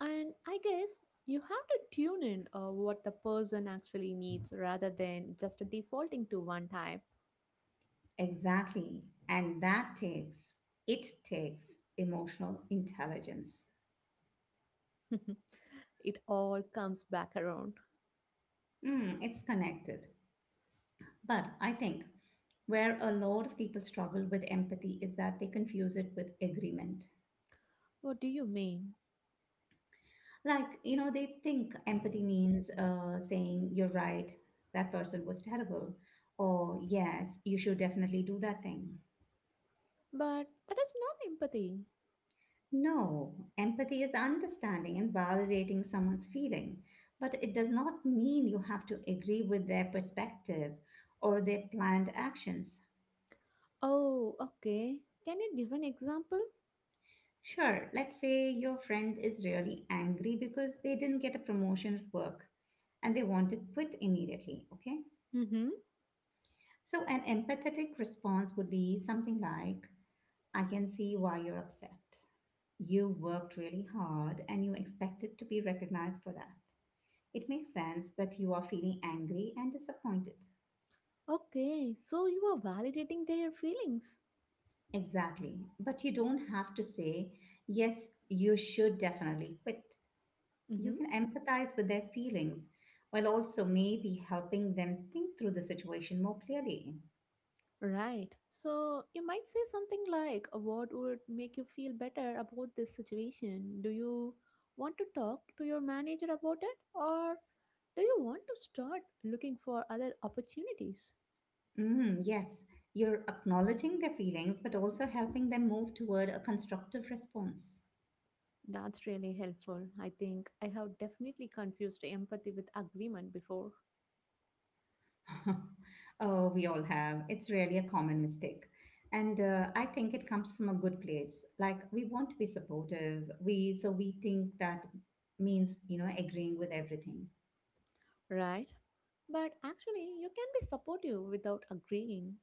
S2: And I guess you have to tune in what the person actually needs rather than just defaulting to one type.
S1: Exactly. And it takes emotional intelligence.
S2: (laughs) It all comes back around.
S1: Mm, it's connected. But I think where a lot of people struggle with empathy is that they confuse it with agreement.
S2: What do you mean?
S1: Like, you know, they think empathy means saying, you're right, that person was terrible, or yes, you should definitely do that thing.
S2: But that is not empathy.
S1: No, empathy is understanding and validating someone's feeling, but it does not mean you have to agree with their perspective or their planned actions.
S2: Oh, okay. Can you give an example?
S1: Sure, let's say your friend is really angry because they didn't get a promotion at work and they want to quit immediately, okay?
S2: Mm-hmm.
S1: So, an empathetic response would be something like, I can see why you're upset. You worked really hard and you expected to be recognized for that. It makes sense that you are feeling angry and disappointed.
S2: Okay, so you are validating their feelings.
S1: Exactly. But you don't have to say, yes, you should definitely quit. You
S2: hmm
S1: can empathize with their feelings while also maybe helping them think through the situation more clearly.
S2: Right. So you might say something like, what would make you feel better about this situation? Do you want to talk to your manager about it? Or do you want to start looking for other opportunities?
S1: Mm, yes, you're acknowledging their feelings but also helping them move toward a constructive response.
S2: That's really helpful. I think I have definitely confused empathy with agreement before,
S1: (laughs) Oh, we all have. It's really a common mistake. And I think it comes from a good place. Like we want to be supportive. We so we think that means, you know, agreeing with everything.
S2: right? But actually, you can be supportive without agreeing.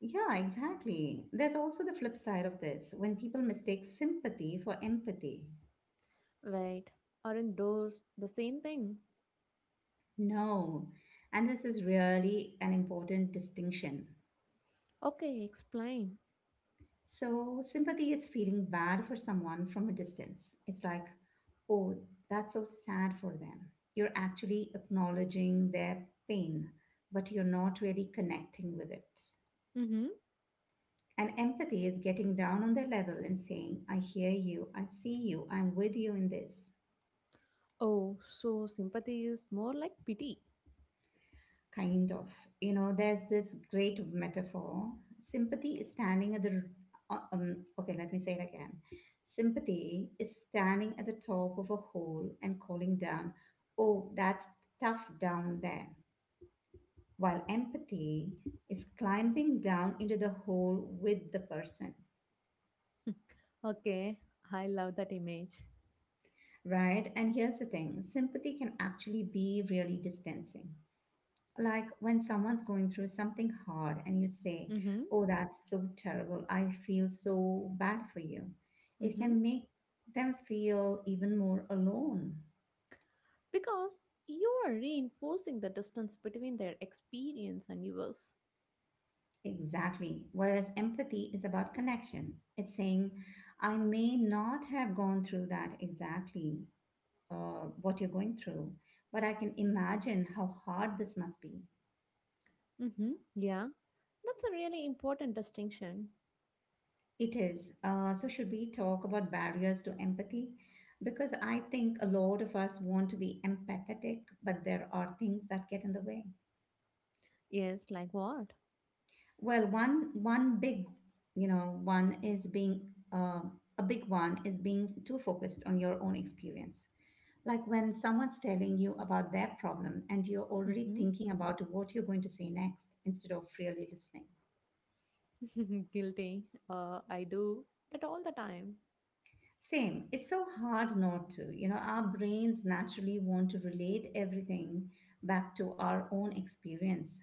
S1: Yeah, exactly. There's also the flip side of this when people mistake sympathy for empathy.
S2: Wait, aren't those the same thing?
S1: No. And this is really an important distinction.
S2: Okay, explain.
S1: So, sympathy is feeling bad for someone from a distance. It's like, oh, that's so sad for them. You're actually acknowledging their pain, but you're not really connecting with it.
S2: Mm-hmm.
S1: And empathy is getting down on their level and saying, I hear you, I see you, I'm with you in this.
S2: Oh, so sympathy is more like pity.
S1: Kind of. You know, there's this great metaphor. Sympathy is standing at the. Okay, let me say it again. Sympathy is standing at the top of a hole and calling down, oh, that's tough down there. While empathy is climbing down into the hole with the person,
S2: (laughs) Okay, I love that image.
S1: right? And here's the thing, sympathy can actually be really distancing, like when someone's going through something hard and you say,
S2: Mm-hmm.
S1: oh, that's so terrible. I feel so bad for you. It
S2: Mm-hmm.
S1: can make them feel even more alone.
S2: Because you are reinforcing the distance between their experience and yours.
S1: Exactly. Whereas empathy is about connection. It's saying, I may not have gone through that exactly, what you're going through, but I can imagine how hard this must be.
S2: Mm-hmm. Yeah, that's a really important distinction.
S1: It is. So, should we talk about barriers to empathy? Because I think a lot of us want to be empathetic, but there are things that get in the way.
S2: Yes, like what?
S1: Well, one one big, you know, one is being a big one is being too focused on your own experience. Like when someone's telling you about their problem and you're already
S2: Mm-hmm.
S1: thinking about what you're going to say next instead of really listening.
S2: (laughs) Guilty. I do that all the time.
S1: Same. It's so hard not to. You know, our brains naturally want to relate everything back to our own experience.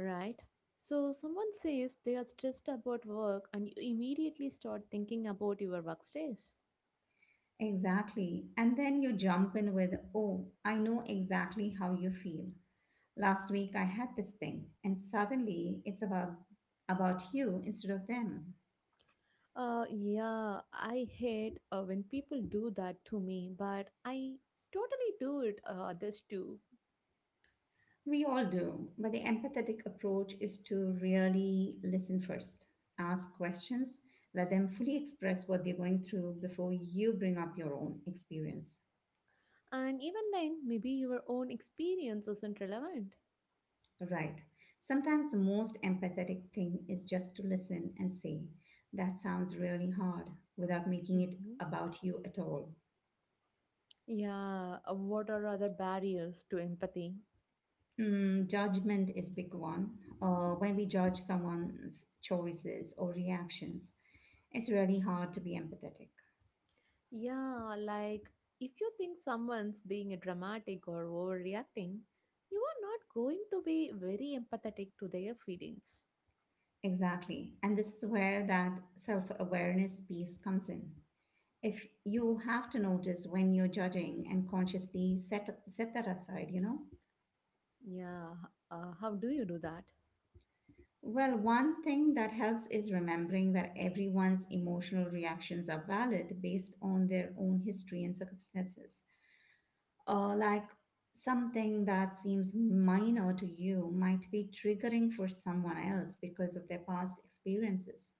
S2: Right. So someone says they are stressed about work and you immediately start thinking about your workspace.
S1: Exactly. And then you jump in with, oh, I know exactly how you feel. Last week I had this thing, and suddenly it's about you instead of them.
S2: Yeah, I hate when people do that to me, but I totally do it others too.
S1: We all do, but the empathetic approach is to really listen first. Ask questions, let them fully express what they're going through before you bring up your own experience.
S2: And even then, maybe your own experience isn't relevant.
S1: Right. Sometimes the most empathetic thing is just to listen and say, that sounds really hard, without making it
S2: hmm
S1: about you at all.
S2: Yeah, what are other barriers to empathy?
S1: Mm, judgment is big one. When we judge someone's choices or reactions, it's really hard to be empathetic.
S2: Yeah, like if you think someone's being dramatic or overreacting, you are not going to be very empathetic to their feelings.
S1: Exactly. And this is where that self awareness piece comes in. If you have to notice when you're judging and consciously set that aside, you know?
S2: Yeah, how do you do that?
S1: Well, one thing that helps is remembering that everyone's emotional reactions are valid based on their own history and circumstances. Like something that seems minor to you might be triggering for someone else because of their past experiences.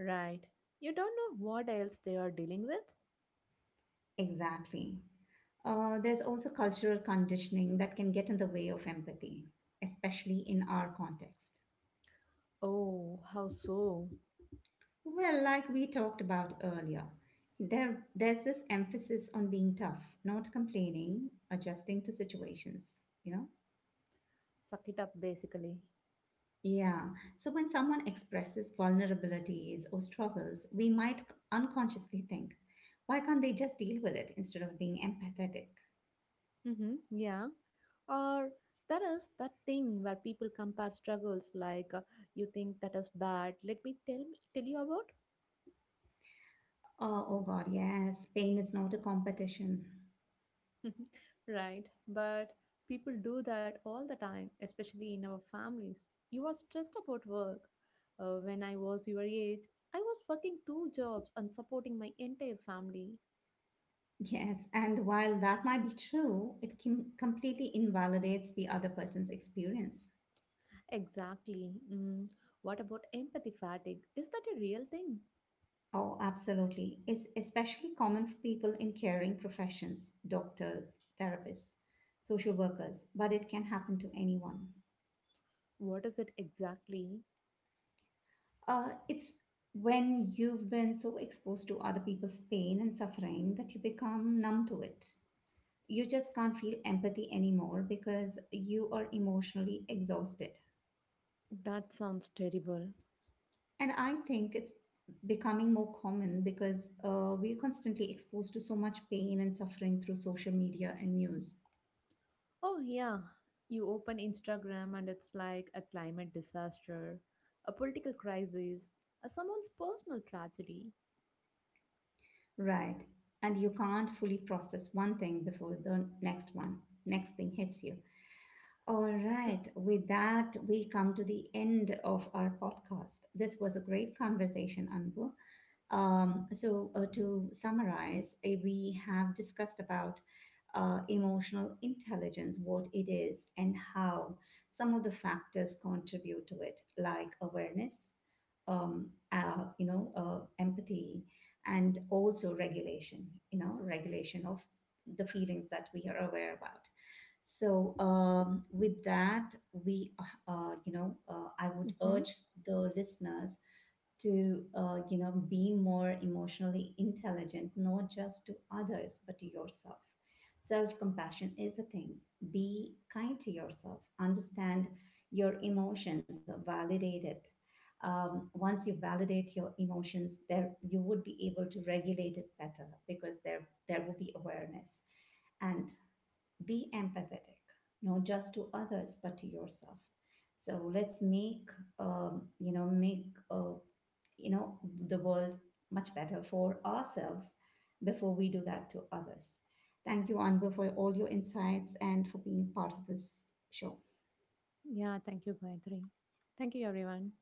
S2: Right. You don't know what else they are dealing with?
S1: Exactly. There's also cultural conditioning that can get in the way of empathy, especially in our context.
S2: Oh, how so?
S1: Well, like we talked about earlier, there's this emphasis on being tough, not complaining, adjusting to situations, you know?
S2: Suck it up, basically.
S1: Yeah. So when someone expresses vulnerabilities or struggles, we might unconsciously think, why can't they just deal with it instead of being empathetic?
S2: Mm-hmm, yeah. Or there is that thing where people compare struggles like you think that is bad, let me tell you about.
S1: Oh, oh God, yes, pain is not a competition.
S2: (laughs) Right, but people do that all the time, especially in our families. You are stressed about work. When I was your age, I was working two jobs and supporting my entire family.
S1: Yes, and while that might be true, it can completely invalidates the other person's experience.
S2: Exactly. Mm. What about empathy fatigue? Is that a real thing?
S1: Oh, absolutely. It's especially common for people in caring professions, doctors, therapists, social workers, but it can happen to anyone.
S2: What is it exactly?
S1: It's when you've been so exposed to other people's pain and suffering that you become numb to it. You just can't feel empathy anymore because you are emotionally exhausted.
S2: That sounds terrible.
S1: And I think it's becoming more common because we're constantly exposed to so much pain and suffering through social media and news.
S2: Oh, yeah. You open Instagram and it's like a climate disaster, a political crisis, someone's personal tragedy.
S1: Right. And you can't fully process one thing before next thing hits you. All
S2: So.
S1: right. With that, we come to the end of our podcast. This was a great conversation, Anbu. To summarize, we have discussed about emotional intelligence, what it is, and how some of the factors contribute to it, like awareness, empathy, and also regulation. You know, regulation of the feelings that we are aware about. So with that, we, uh, I would
S2: Mm-hmm.
S1: urge the listeners to you know, be more emotionally intelligent, not just to others but to yourself. Self compassion is a thing. Be kind to yourself, understand your emotions or validate it. Once you validate your emotions, there you would be able to regulate it better because there will be awareness. And be empathetic, not just to others but to yourself. So let's make make you know the world much better for ourselves before we do that to others. Thank you, Anbu, for all your insights and for being part of this show.
S2: Yeah, thank you, Gayatri. Thank you, everyone.